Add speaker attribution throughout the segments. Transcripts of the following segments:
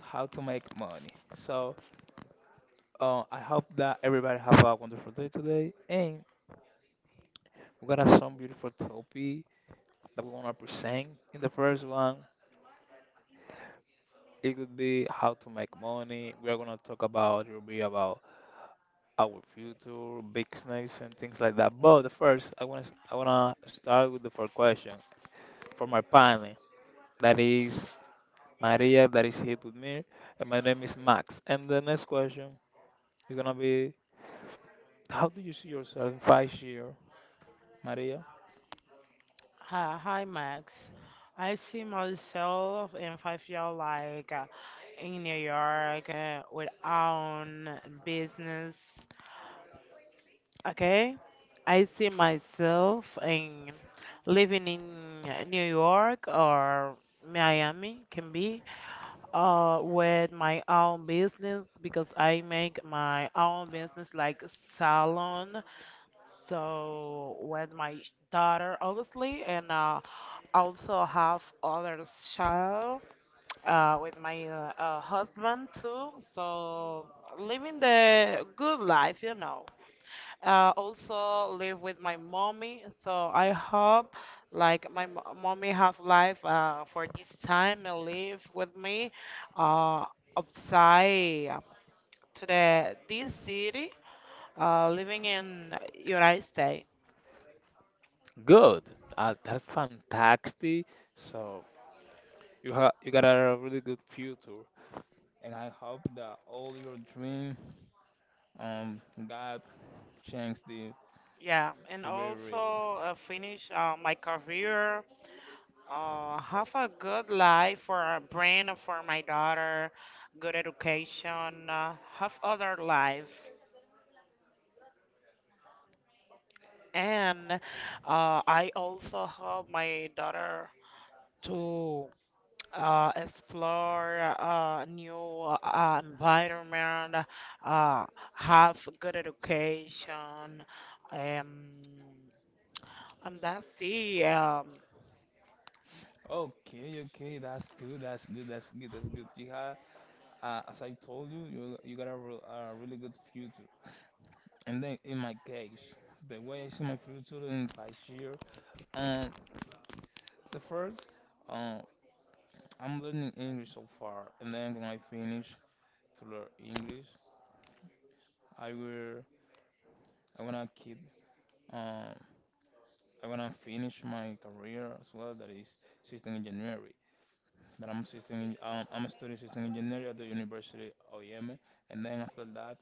Speaker 1: How to Make Money. So, I hope that everybody have a wonderful day today, and we got us some beautiful topic that we wanna present. In the first one, it would be how to make money. We are gonna talk about it will be about our future, business, and things like that. But the first, I wanna start with the first question from my panel. That is Maria, that is here with me, and my name is Max. And the next question. It's gonna be how do you see yourself in 5 years, Maria?
Speaker 2: Hi, hi, Max. I see myself in 5 years like in New York with own business. Okay? I see myself in living in New York or Miami can be with my own business because I make my own business like salon. So with my daughter, obviously, and also have other child with my husband too. So living the good life. Also live with my mommy. So I hope like my mommy have life for this time and live with me uh, outside to the this city, living in United States.
Speaker 1: Good. That's fantastic. So you have you got a really good future, and I hope that all your dream, um, God changed it
Speaker 2: Yeah, and
Speaker 1: to be real.
Speaker 2: also finish my career, have a good life for a brand, for my daughter, good education, have other life. And I also help my daughter to explore new environment, uh, have good education, um, and that's it.
Speaker 1: Okay, okay, that's good, that's good, that's good, that's good. You have, as I told you, you got a, a really good future. And then in my case, the way I see my future in 5 years, um, the first. um. I'm learning English so far, and then when I finish to learn English, I will. I wanna keep. Um, I wanna finish my career as well. That is system engineering. That I'm system. En- I'm studying system engineering at the University of Yeme, and then after that,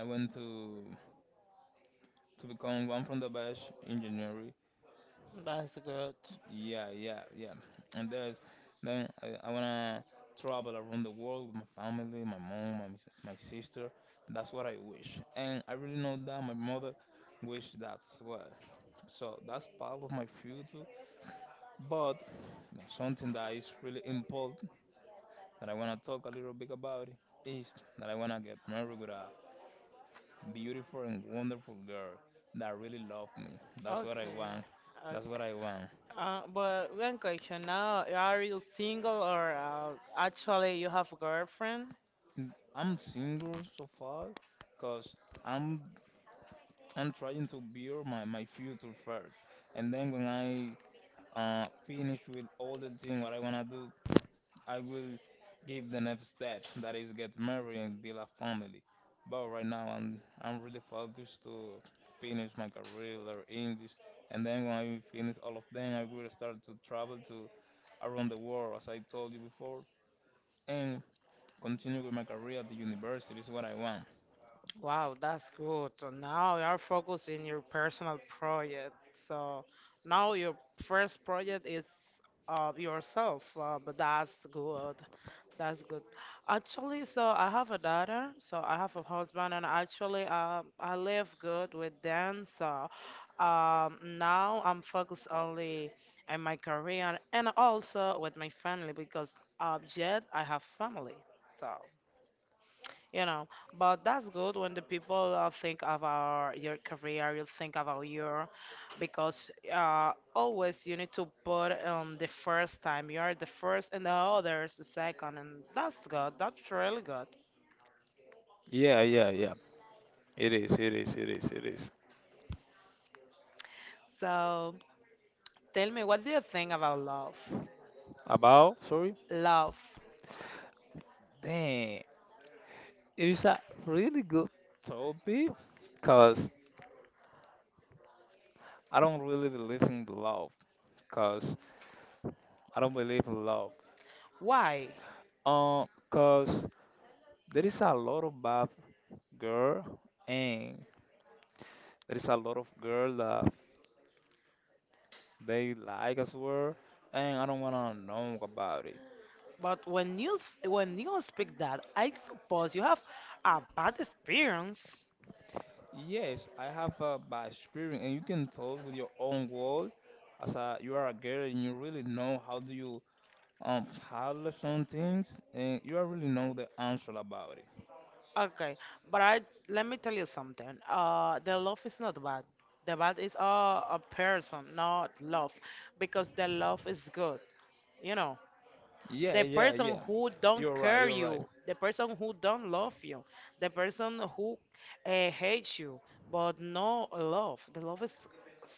Speaker 1: I went to become one from the best engineer.
Speaker 2: That's good.
Speaker 1: Yeah, yeah, yeah. And there's then I wanna travel around the world with my family, my mom, my sister. That's what I wish. And I really know that my mother wished that as well. So that's part of my future. But something that is really important that I wanna talk a little bit about it is that I wanna get married with a beautiful and wonderful girl that really love me. That's what I
Speaker 2: Okay.
Speaker 1: want.
Speaker 2: Okay.
Speaker 1: That's what I want.
Speaker 2: But one question now, are you single or actually you have a girlfriend?
Speaker 1: Mm, I'm single so far because I'm I'm trying to build my future first. And then when I finish with all the thing what I wanna do, I will give the next step that is get married and build a family. But right now I'm really focused to finish my career or English, and then when I finish all of them I will start to travel to around the world as I told you before, and continue with my career at the university is what I want.
Speaker 2: Wow, that's good. So now you are focusing your personal project. So now your first project is yourself, but that's good. That's good. Actually, so I have a daughter, so I have a husband, and actually, I live good with them. So now I'm focused only on my career and also with my family because yet I have family. So you know but that's good when the people think about your career you think about your because always you need to put the first time you are the first and the others the second and that's good, that's really good.
Speaker 1: Yeah, yeah, yeah. It is, it is, it is, it is.
Speaker 2: So tell me, what do you think about love?
Speaker 1: About, sorry.
Speaker 2: Love?
Speaker 1: Damn. It is a really good topic because I don't really believe in love because I don't believe in love.
Speaker 2: Why?
Speaker 1: Because there is a lot of bad girl, and there is a lot of girl that they like as well, and I don't wanna know about it.
Speaker 2: But when you speak that, I suppose you have a bad experience.
Speaker 1: Yes, I have a bad experience, and you can talk with your own world as a you are a girl, and you really know how do you paddle some things and you already know the answer about it.
Speaker 2: Okay, but I let me tell you something. The love is not bad. The bad is a person, not love, because the love is good, you know
Speaker 1: Yeah,
Speaker 2: the
Speaker 1: yeah,
Speaker 2: person
Speaker 1: yeah.
Speaker 2: who don't
Speaker 1: You're right,
Speaker 2: care
Speaker 1: you're right.
Speaker 2: you, the person who don't love you, the person who hates you, but no love. The love is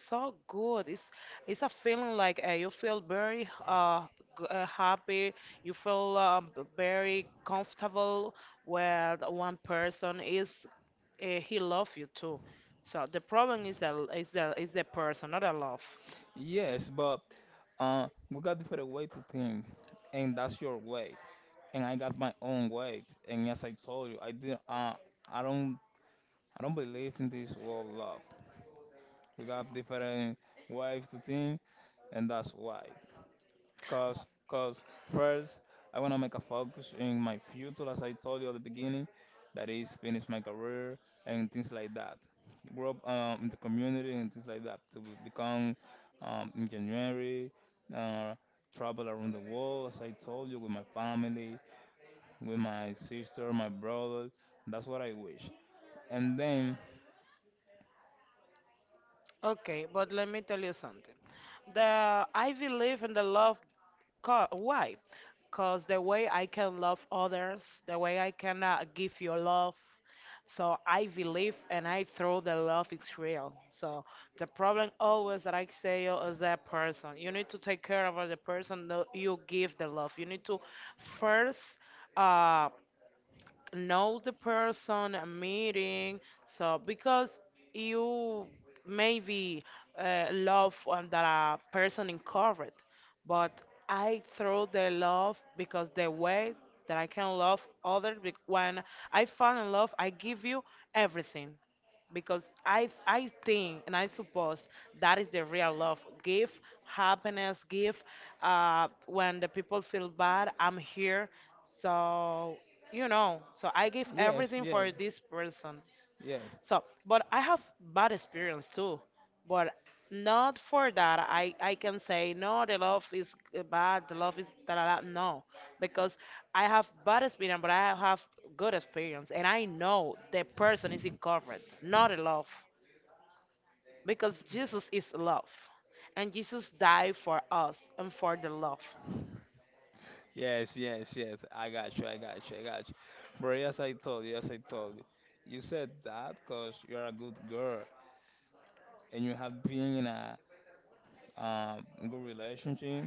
Speaker 2: so good. It's a feeling like you feel very happy. You feel very comfortable where the one person is. He loves you too. So the problem is the person, not the love.
Speaker 1: Yes, but we got different way to think, and that's your weight. And I got my own weight. And as I told you, I don't I don't believe in this world love. We got different ways to think, and that's why. Cause first I wanna make a focus in my future, as I told you at the beginning, that is finish my career and things like that. Grow up in the community and things like that to become engineering, uh, travel around the world, as I told you, with my family, with my sister, my brother. That's what I wish. And then,
Speaker 2: Okay, but let me tell you something. The I believe in the love. Why? Because the way I can love others, the way I can give you love, so I believe and I throw the love is real. So the problem always that I say is that person. You need to take care of the person that you give the love. You need to first. Uh, know the person meeting, so because you maybe love on that person in corporate, but I throw the love because the way that I can love others, when I fall in love, I give you everything, because I think and I suppose that is the real love. Give happiness, give, when the people feel bad, I'm here. So so I give
Speaker 1: yes,
Speaker 2: everything
Speaker 1: yes,
Speaker 2: for these persons.
Speaker 1: yes,
Speaker 2: So, but I have bad experience too. But not for that. I can say no. The love is bad. The love is da da da. No, because I have bad experience, but I have good experience, and I know the person is incorrect, not in love, because Jesus is love, and Jesus died for us and for the love.
Speaker 1: yes, yes, yes. I got you. I got you. I got you. Bro, yes, I told you. Yes, I told you. You said that because you're a good girl and you have been in a good relationship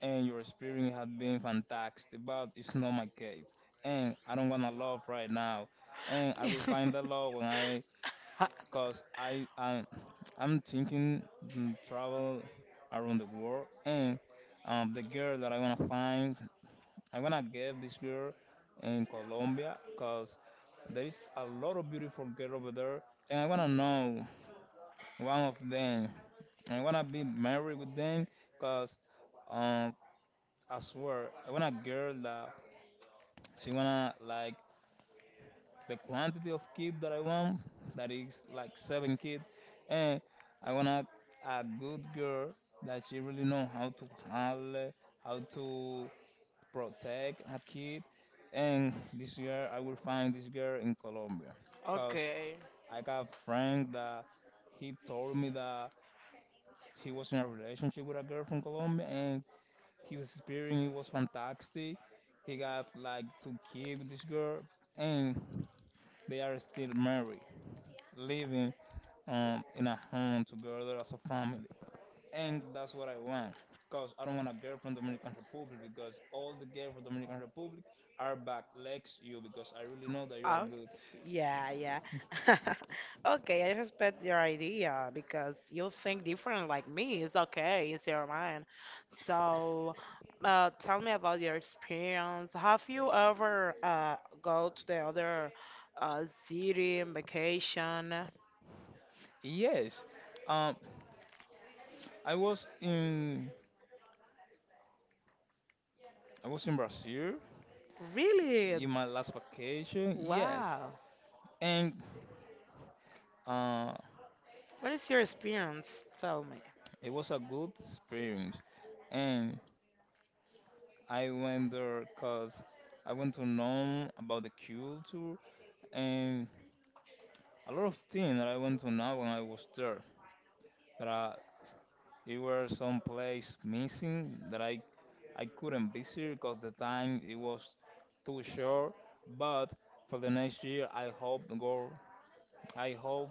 Speaker 1: and your experience has been fantastic, but it's not my case. And I don't want to love right now. And I will find the love when I, because I'm thinking travel around the world, and the girl that I want to find I'm gonna get this girl in Colombia because there is a lot of beautiful girls over there, and I wanna know one of them. I wanna be married with them because um, I swear I want a girl that she wanna like the quantity of kid that I want, that is like seven kids, and I want to a good girl that she really know how to handle, how to protect a kid. And this year I will find this girl in Colombia because
Speaker 2: Okay.
Speaker 1: I got a friend that he told me that he was in a relationship with a girl from Colombia, and his experience it was fantastic. He got like two kids with this girl, and they are still married, living in a home together as a family. And that's what I want. Because I don't want a girl from Dominican Republic because all the girls from Dominican Republic are backlegs you because I really know that you are
Speaker 2: Oh,
Speaker 1: good.
Speaker 2: yeah, yeah. Okay, I respect your idea because you think different like me. It's okay, it's your mind. So, tell me about your experience. Have you ever go to the other city in vacation?
Speaker 1: Yes. Um I was in I was in Brazil
Speaker 2: Really?
Speaker 1: in my last vacation, yes.
Speaker 2: Wow.
Speaker 1: And uh
Speaker 2: What is your experience? Tell me.
Speaker 1: it was a good experience. And I went there because I went to know about the culture, and a lot of things that I went to know when I was there that I It was place missing that I couldn't visit because the time it was too short. But for the next year, I hope to go. I hope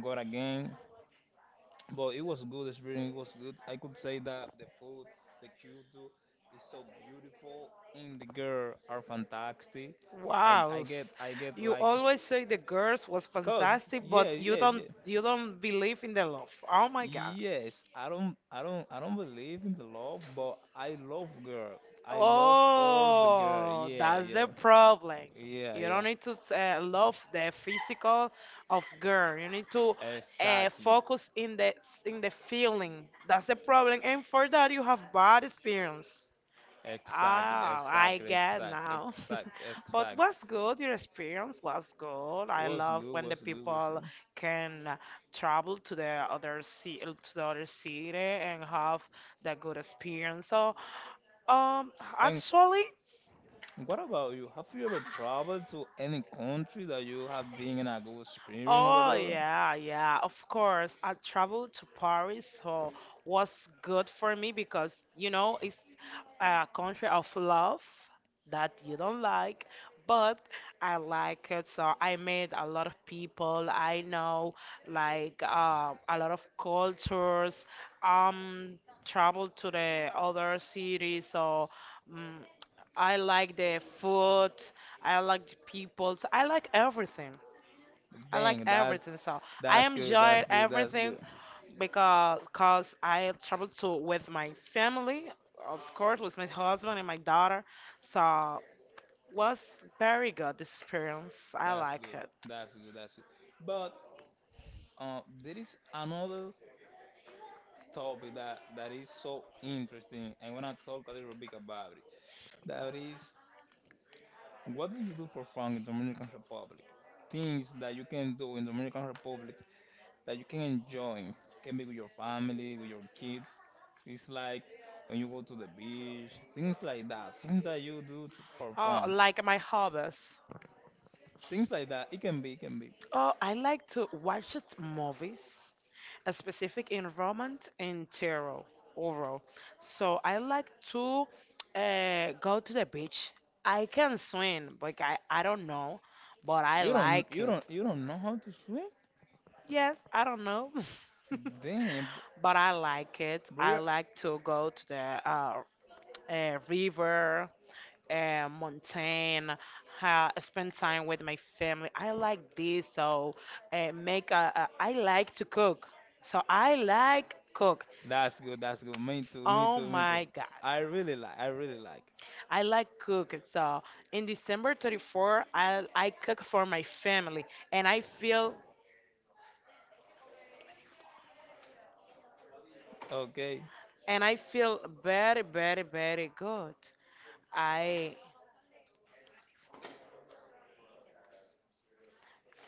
Speaker 1: go again. But it was good experience. It was good. I could say that the food, the culture is so beautiful, and the girl are fantastic.
Speaker 2: Wow,
Speaker 1: I get
Speaker 2: you
Speaker 1: like
Speaker 2: always say the girls was
Speaker 1: cause
Speaker 2: fantastic,
Speaker 1: yeah
Speaker 2: but you
Speaker 1: yeah
Speaker 2: don't
Speaker 1: yeah.
Speaker 2: you don't believe in the love. Oh my God.
Speaker 1: Yes, I don't believe in the love, but I love girl. I love all the girl.
Speaker 2: Oh,
Speaker 1: Yeah,
Speaker 2: that's
Speaker 1: yeah,
Speaker 2: the problem.
Speaker 1: yeah,
Speaker 2: You don't
Speaker 1: yeah.
Speaker 2: need to love the physical of girl. You need to
Speaker 1: Exactly,
Speaker 2: focus in the feeling. That's the problem, and for that you have bad experience.
Speaker 1: exactly,
Speaker 2: Oh, I
Speaker 1: exactly,
Speaker 2: get
Speaker 1: exact,
Speaker 2: now.
Speaker 1: exact,
Speaker 2: But
Speaker 1: exact.
Speaker 2: was good. Your experience was good. I
Speaker 1: What's
Speaker 2: love
Speaker 1: good?
Speaker 2: when the
Speaker 1: What's good? What's
Speaker 2: people
Speaker 1: good?
Speaker 2: can travel to the other to the other city and have the good experience. So, um,
Speaker 1: And
Speaker 2: actually,
Speaker 1: what about you? Have you ever traveled to any country that you have been in a good experience over
Speaker 2: oh
Speaker 1: there?
Speaker 2: yeah, yeah, of course. I traveled to Paris, so was good for me because it's a country of love that you don't like, but I like it. So I met a lot of people. I know like a lot of cultures. Um, Traveled to the other cities, so mm I like the food. I like the people. So I like everything. I like
Speaker 1: Dang,
Speaker 2: everything. So I
Speaker 1: that's good.
Speaker 2: enjoy
Speaker 1: That's good. That's
Speaker 2: everything
Speaker 1: good.
Speaker 2: because cause I travel to with my family, of course, with my husband and my daughter. So was very good experience. I
Speaker 1: That's
Speaker 2: like
Speaker 1: good.
Speaker 2: it.
Speaker 1: That's good. That's good. But there is another topic that, that is so interesting. I want to talk a little bit about it. That is, what do you do for fun in Dominican Republic? Things that you can do in Dominican Republic that you can enjoy. Can be with your family, with your kid. It's like when you go to the beach, things like that. Things that you do to, for
Speaker 2: Oh,
Speaker 1: fun.
Speaker 2: like my hobbies.
Speaker 1: Things like that. It can be, it can be.
Speaker 2: Oh, I like to watch it movies, a specific environment in terror overall. So I like to go to the beach. I can swim, but I don't know, but I like it.
Speaker 1: You don't know how to swim?
Speaker 2: Yes, I don't know,
Speaker 1: Damn,
Speaker 2: but I like it. I
Speaker 1: bro.
Speaker 2: like to go to the uh, river, mountain, ha spend time with my family. I like this, so make I like to cook. So I like cook.
Speaker 1: That's good. That's good. Me too. Me
Speaker 2: Oh
Speaker 1: too. Me too.
Speaker 2: my God,
Speaker 1: I really like. I really like.
Speaker 2: I like cook. So in December 34, I cook for my family, and
Speaker 1: Okay.
Speaker 2: I feel very very very good. I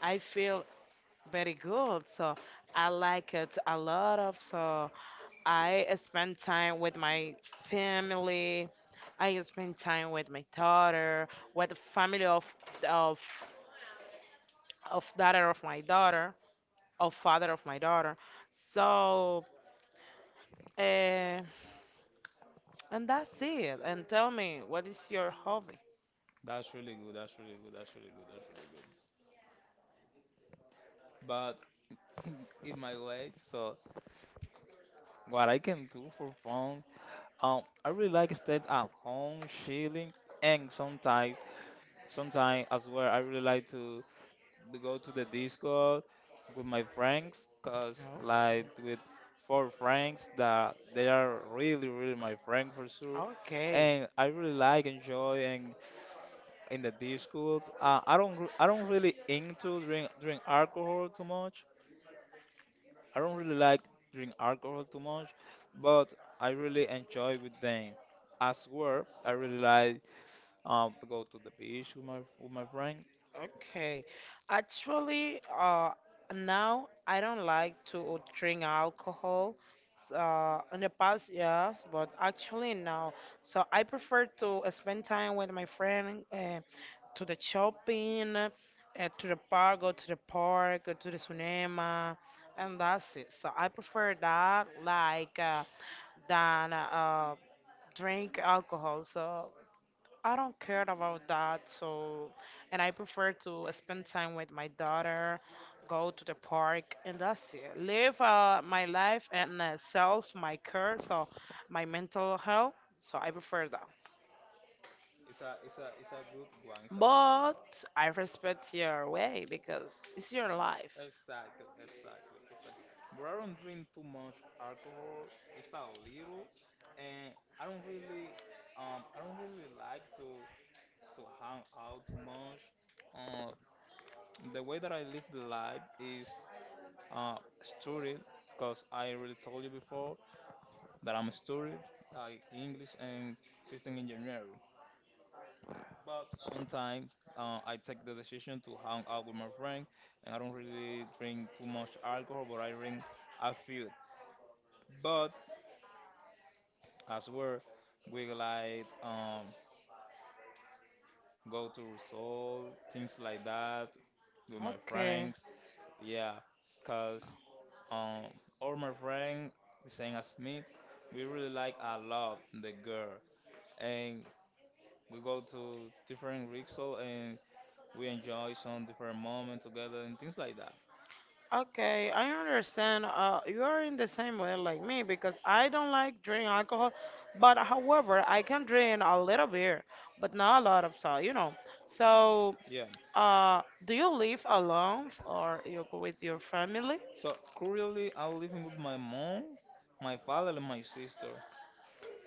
Speaker 2: I feel very good. So I like it a lot of, so I spend time with my family. I spend time with my daughter, with the family of of daughter of my daughter, of father of my daughter. So uh, and that's it. And tell me, what is your hobby?
Speaker 1: That's really good. That's really good. That's really good. That's really good. But in, in my way, so what I can do for fun, I really like stay at home, chilling, and sometimes as well, I really like to go to the Discord with my friends, cause
Speaker 2: No.
Speaker 1: like with four friends that they are really, really my friend for sure,
Speaker 2: Okay.
Speaker 1: and I really like enjoy and in the Discord. I don't really into drink alcohol too much. I don't really like drink alcohol too much, but I really enjoy with them. As well, I really like to go to the beach with my friend.
Speaker 2: Okay. Actually, now I don't like to drink alcohol. In the past, yes, but actually now, so I prefer to spend time with my friend, to the shopping, to the park, go to the park, go to the cinema, and that's it. So I prefer that, like, than drink alcohol. So I don't care about that. So, and I prefer to spend time with my daughter, go to the park, and that's it. Live my life and self, my care, so my mental health. So I prefer that.
Speaker 1: It's a good one. It's a good
Speaker 2: But I respect your way because it's your life.
Speaker 1: exactly exactly exactly. But I don't drink too much alcohol. It's a little, and I don't really like to hang out too much. Uh, The way that I live the life is uh, studied, because I already told you before that I'm a studied, like English and system engineering. But sometimes I take the decision to hang out with my friend, and I don't really drink too much alcohol, but I drink a few. But as well, we like go to resolve things like that with my
Speaker 2: Okay.
Speaker 1: friends. Yeah, because Um, or my friend, the same as me, we really like a lot the girl, and we go to different resort and we enjoy some different moments together and things like that.
Speaker 2: Okay, I understand. You are in the same way like me because I don't like drink alcohol, but however, I can drink a little beer, but not a lot of so. So,
Speaker 1: Yeah.
Speaker 2: uh, do you live alone or you with your family?
Speaker 1: So currently, I'm living with my mom, my father, and my sister.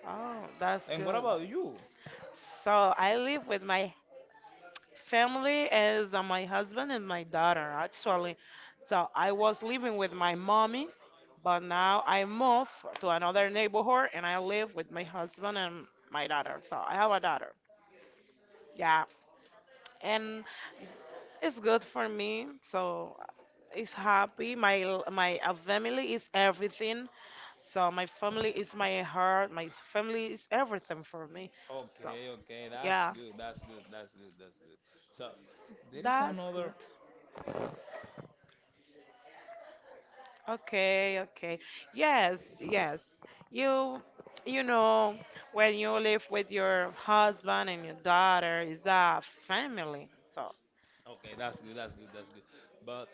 Speaker 2: Oh, that's
Speaker 1: And what
Speaker 2: good.
Speaker 1: about you?
Speaker 2: So I live with my family, is my husband and my daughter actually. So I was living with my mommy, but now I moved to another neighborhood and I live with my husband and my daughter. So I have a daughter. Yeah, and it's good for me. So it's happy. My My family is everything. So my family is my heart. My family is everything for me. So
Speaker 1: Okay, okay, that's
Speaker 2: yeah,
Speaker 1: good, that's good, that's good, that's good. So there is
Speaker 2: that's good.
Speaker 1: another
Speaker 2: Okay, okay. Yes, yes. You you know when you live with your husband and your daughter is a family. So
Speaker 1: Okay, that's good, that's good, that's good. But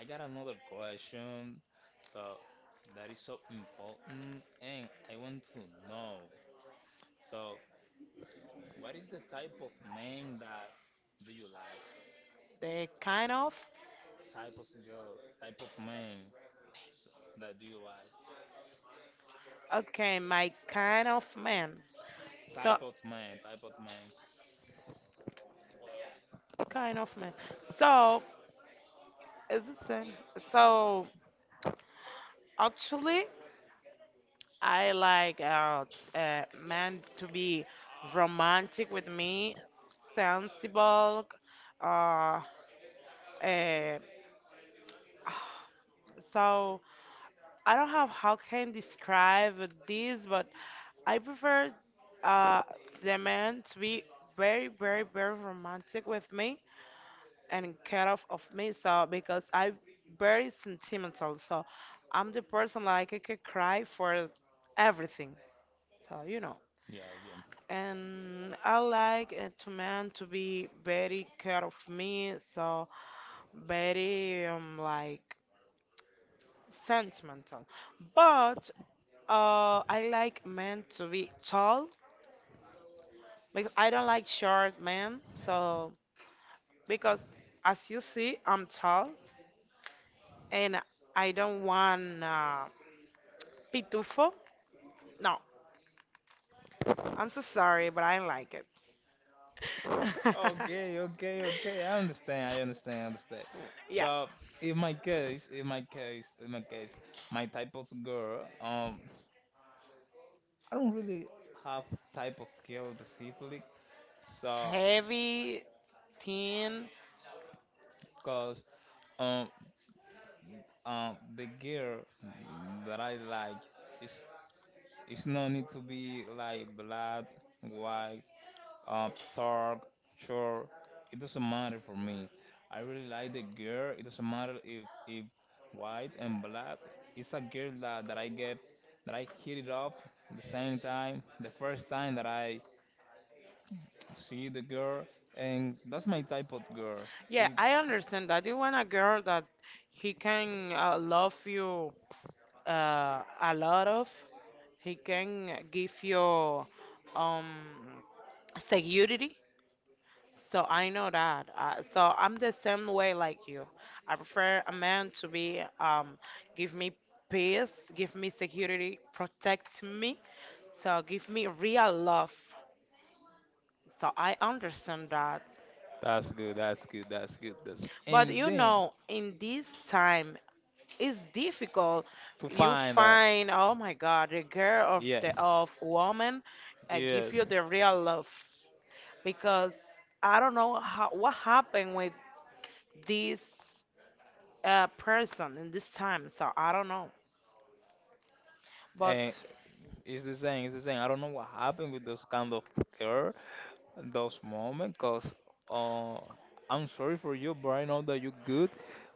Speaker 1: I got another question. So that is so important, and I want to know. So, what is the type of man that do you like?
Speaker 2: they kind of
Speaker 1: Type of girl, type of man that do you like?
Speaker 2: okay, my kind of man. So
Speaker 1: Type of man, type of man.
Speaker 2: kind of man. So is the same. So actually I like man to be
Speaker 1: Ah,
Speaker 2: romantic with me, sensible, uh, uh so I don't have how can describe this, but I prefer uh, the man to be very, very, very romantic with me and care of me. So because I'm very sentimental, so I'm the person like I could cry for everything. So
Speaker 1: yeah, yeah.
Speaker 2: and I like to man to be very care of me. So very like sentimental. But I like men to be tall because I don't like short men. So because as you see, I'm tall and I don't want pitufo. No, I'm so sorry, but I like it.
Speaker 1: Okay, okay, okay. I understand. I understand. I understand.
Speaker 2: Yeah.
Speaker 1: So, in my case, in my case, in my case, my type of girl, I don't really have type of skill specifically. So,
Speaker 2: Heavy, thin.
Speaker 1: cause um the girl that I like is it's no need to be like black, white, up, dark, short. It doesn't matter for me. I really like the girl. It doesn't matter if white and black. It's a girl that I get that I hit it off the same time, the first time that I see the girl, and that's my type of girl.
Speaker 2: Yeah,
Speaker 1: It
Speaker 2: I understand that. You want a girl that he can love you a lot of. He can give you um, security. So I know that. So I'm the same way like you. I prefer a man to be give me peace, give me security, protect me. So give me real love. So I understand that.
Speaker 1: that's good. That's good. That's good. That's
Speaker 2: But
Speaker 1: and then
Speaker 2: in this time it's difficult.
Speaker 1: to
Speaker 2: You
Speaker 1: find that,
Speaker 2: find, oh my God, the girl of the
Speaker 1: yes,
Speaker 2: of woman give
Speaker 1: yes,
Speaker 2: you the real love, because I don't know how, what happened with this person in this time. So I don't know. But
Speaker 1: and it's the same. It's the same. I don't know what happened with those kind of girl, those moments because uh, I'm sorry for you, but I know that you're good.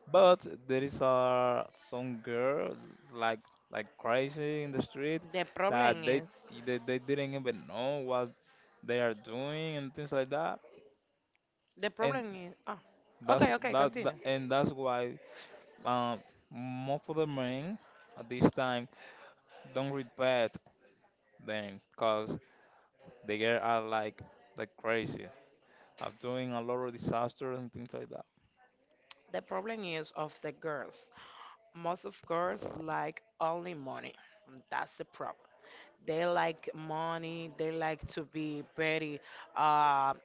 Speaker 1: But there is some girl like like crazy in the street
Speaker 2: the
Speaker 1: that
Speaker 2: problem is,
Speaker 1: they didn't even know what they are doing and things like that.
Speaker 2: the
Speaker 1: And
Speaker 2: problem is, ah,
Speaker 1: that's
Speaker 2: okay, okay,
Speaker 1: that
Speaker 2: continue.
Speaker 1: and that's why um, most of the men at this time don't respect them because the girl are like crazy of doing a lot of disasters and things like that.
Speaker 2: The problem is of the girls. Most of girls like only money. That's the problem. They like money. They like to be very uh,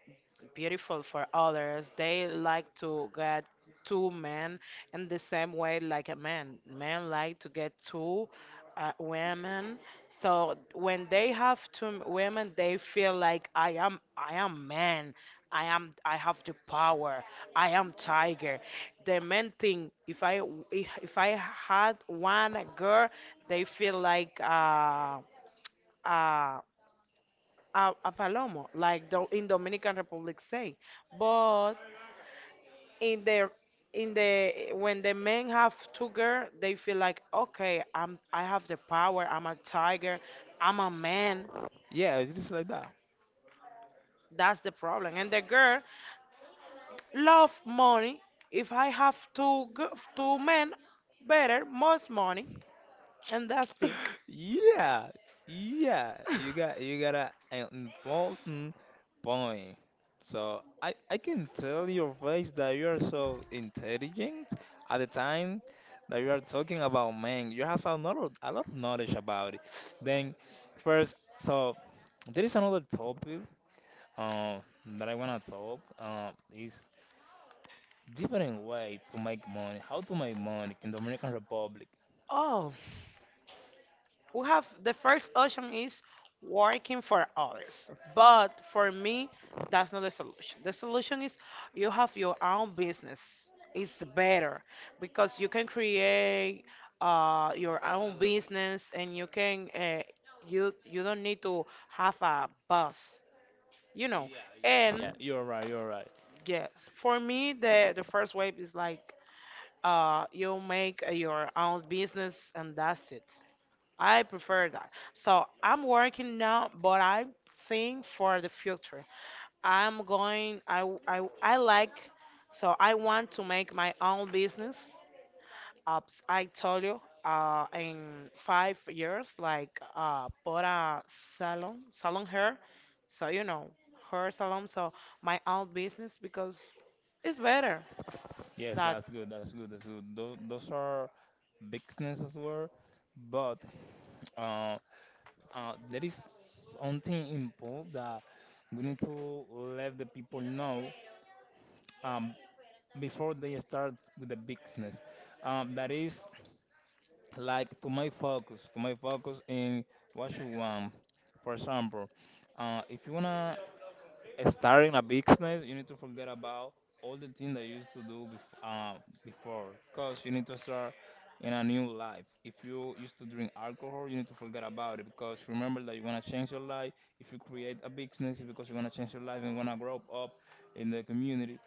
Speaker 2: beautiful for others. They like to get two men in the same way like a man. Men like to get two women. So when they have two women, they feel like I am man. I have the power. I am tiger. The main thing if I had one girl, they feel like a, a palomo, like do, in Dominican Republic say. But in their in the when the men have two girls, they feel like okay, I have the power. I'm a tiger. I'm a man.
Speaker 1: Yeah, it's just like that.
Speaker 2: That's the problem. And the girl love money. If I have two men, better most money, and that's it.
Speaker 1: Yeah, yeah. You got a, an important point. So I can tell your face that you are so intelligent at the time that you are talking about man. You have a lot of knowledge about it. Then first, so there is another topic um that I wanna talk is different way to make money. How to make money in the Dominican Republic.
Speaker 2: Oh, we have the first option is working for others, but for me that's not the solution. The solution is you have your own business. It's better because you can create your own business, and you can, you you don't need to have a boss, you know.
Speaker 1: Yeah, yeah,
Speaker 2: And
Speaker 1: yeah. You're right. You're right.
Speaker 2: yes, for me the first wave is like, you make your own business and that's it. I prefer that. So I'm working now, but I think for the future, I'm going. I like. So I want to make my own business. Uh, I told you, in 5 years, like put a salon, salon hair. So you know, hair salon. So my own business because it's better.
Speaker 1: Yes,
Speaker 2: That
Speaker 1: that's good. That's good. That's good. Those are business as well. But uh, there is something important that we need to let the people know, um, before they start with the business. That is like to my focus in what you want. For example, if you wanna starting a business, you need to forget about all the things that you used to do before, because you need to start in a new life. If you used to drink alcohol, you need to forget about it, because remember that you want to change your life. If you create a business, it's because you want to change your life and want to grow up in the community,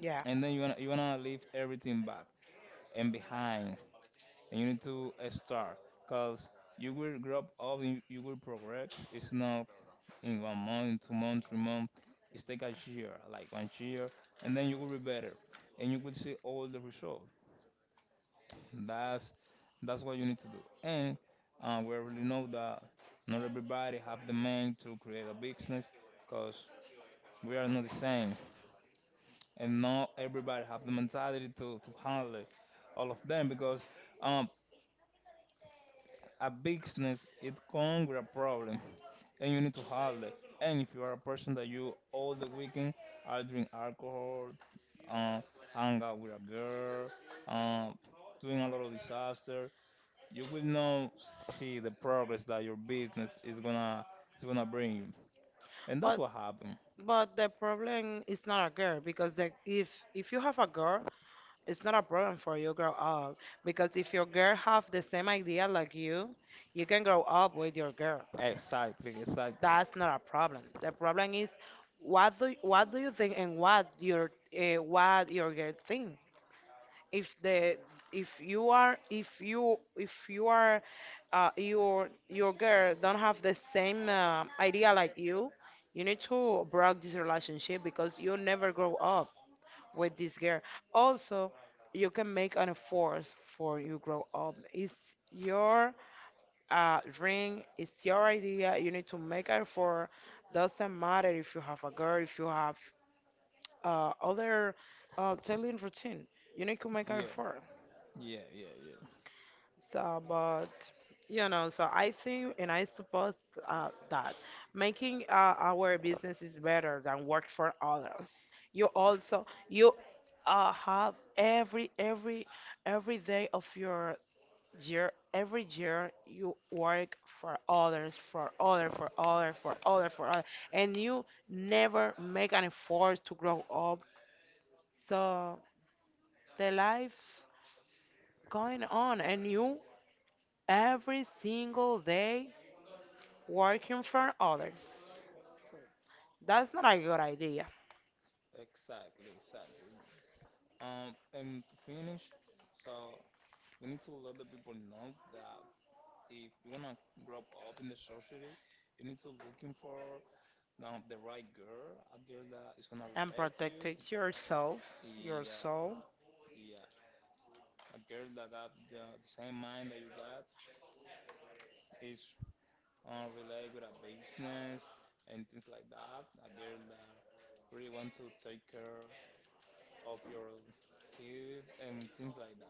Speaker 2: yeah,
Speaker 1: and then you want to leave everything back and behind, and you need to start, because you will grow up, and you will progress. It's not in 1 month, 2 months, 3 months. It's take a year, like 1 year, and then you will be better, and you will see all the result. That's that's what you need to do. And we already know that not everybody have the mind to create a business, cause we are not the same, and not everybody have the mentality to handle it, all of them, because um a business it comes with a problem, and you need to handle it. And if you are a person that you all the weekend are drink alcohol, uh, hang out with a girl, um, doing a lot of disaster, you will not see the progress that your business is gonna bring you. And that's
Speaker 2: but.
Speaker 1: what happened.
Speaker 2: But the problem is not a girl because if you have a girl, it's not a problem for you grow up, because if your girl have the same idea like you can grow up with your girl.
Speaker 1: Exactly, exactly.
Speaker 2: That's not a problem. The problem is what do you think, and what your, what your girl think. If the if you are, your girl don't have the same idea like you need to break this relationship because you never grow up with this girl. Also, you can make an effort for you grow up. It's your, dream, it's your idea. You need to make an effort. Doesn't matter if you have a girl, if you have other daily routine. You need to make an
Speaker 1: Yeah,
Speaker 2: effort.
Speaker 1: yeah, yeah, yeah.
Speaker 2: So, but you know, so I think and I suppose that making our business is better than work for others. You also you have every day of your year, every year you work for others, for other, and you never make an effort to grow up. So the life's going on, and you every single day working for others. That's not a good idea.
Speaker 1: Exactly, exactly. And to finish, so we need to let the people know that if you wanna grow up in the society, you need to looking for, the right girl, a girl that is gonna
Speaker 2: And
Speaker 1: respect you.
Speaker 2: protecting yourself, your
Speaker 1: Yeah,
Speaker 2: soul.
Speaker 1: yeah, a girl that got the same mind that you got is on relate with a business and things like that. A girl that really want to take care of your kids and things like that.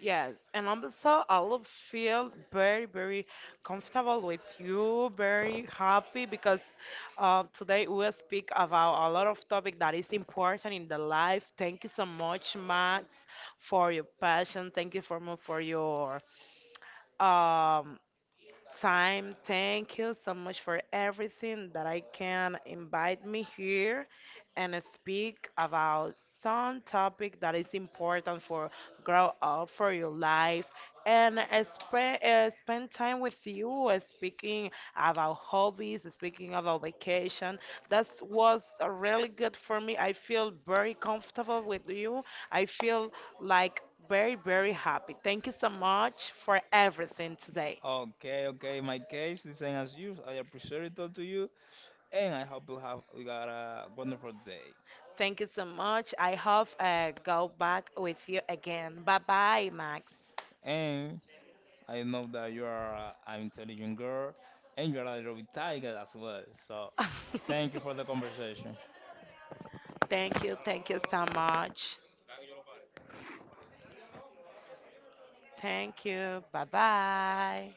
Speaker 2: Yes, and also I will feel very, very comfortable with you, very happy because today we will speak about a lot of topic that is important in the life. Thank you so much, Max, for your passion. Thank you for your um, time. Thank you so much for everything that I can invite me here and speak about some topic that is important for grow up for your life, and spend spend time with you speaking about hobbies, speaking about vacation. That was really good for me. I feel very comfortable with you. I feel like very, very happy. Thank you so much for everything today.
Speaker 1: Okay, okay. In my case, the same as you. I appreciate it all to you, and I hope you have you got a wonderful day.
Speaker 2: Thank you so much. I hope go back with you again. Bye bye, Max.
Speaker 1: And I know that you are a- an intelligent girl, and you are a little bit tiger as well. So, thank you for the conversation.
Speaker 2: Thank you. Thank you so much. Thank you. Bye bye.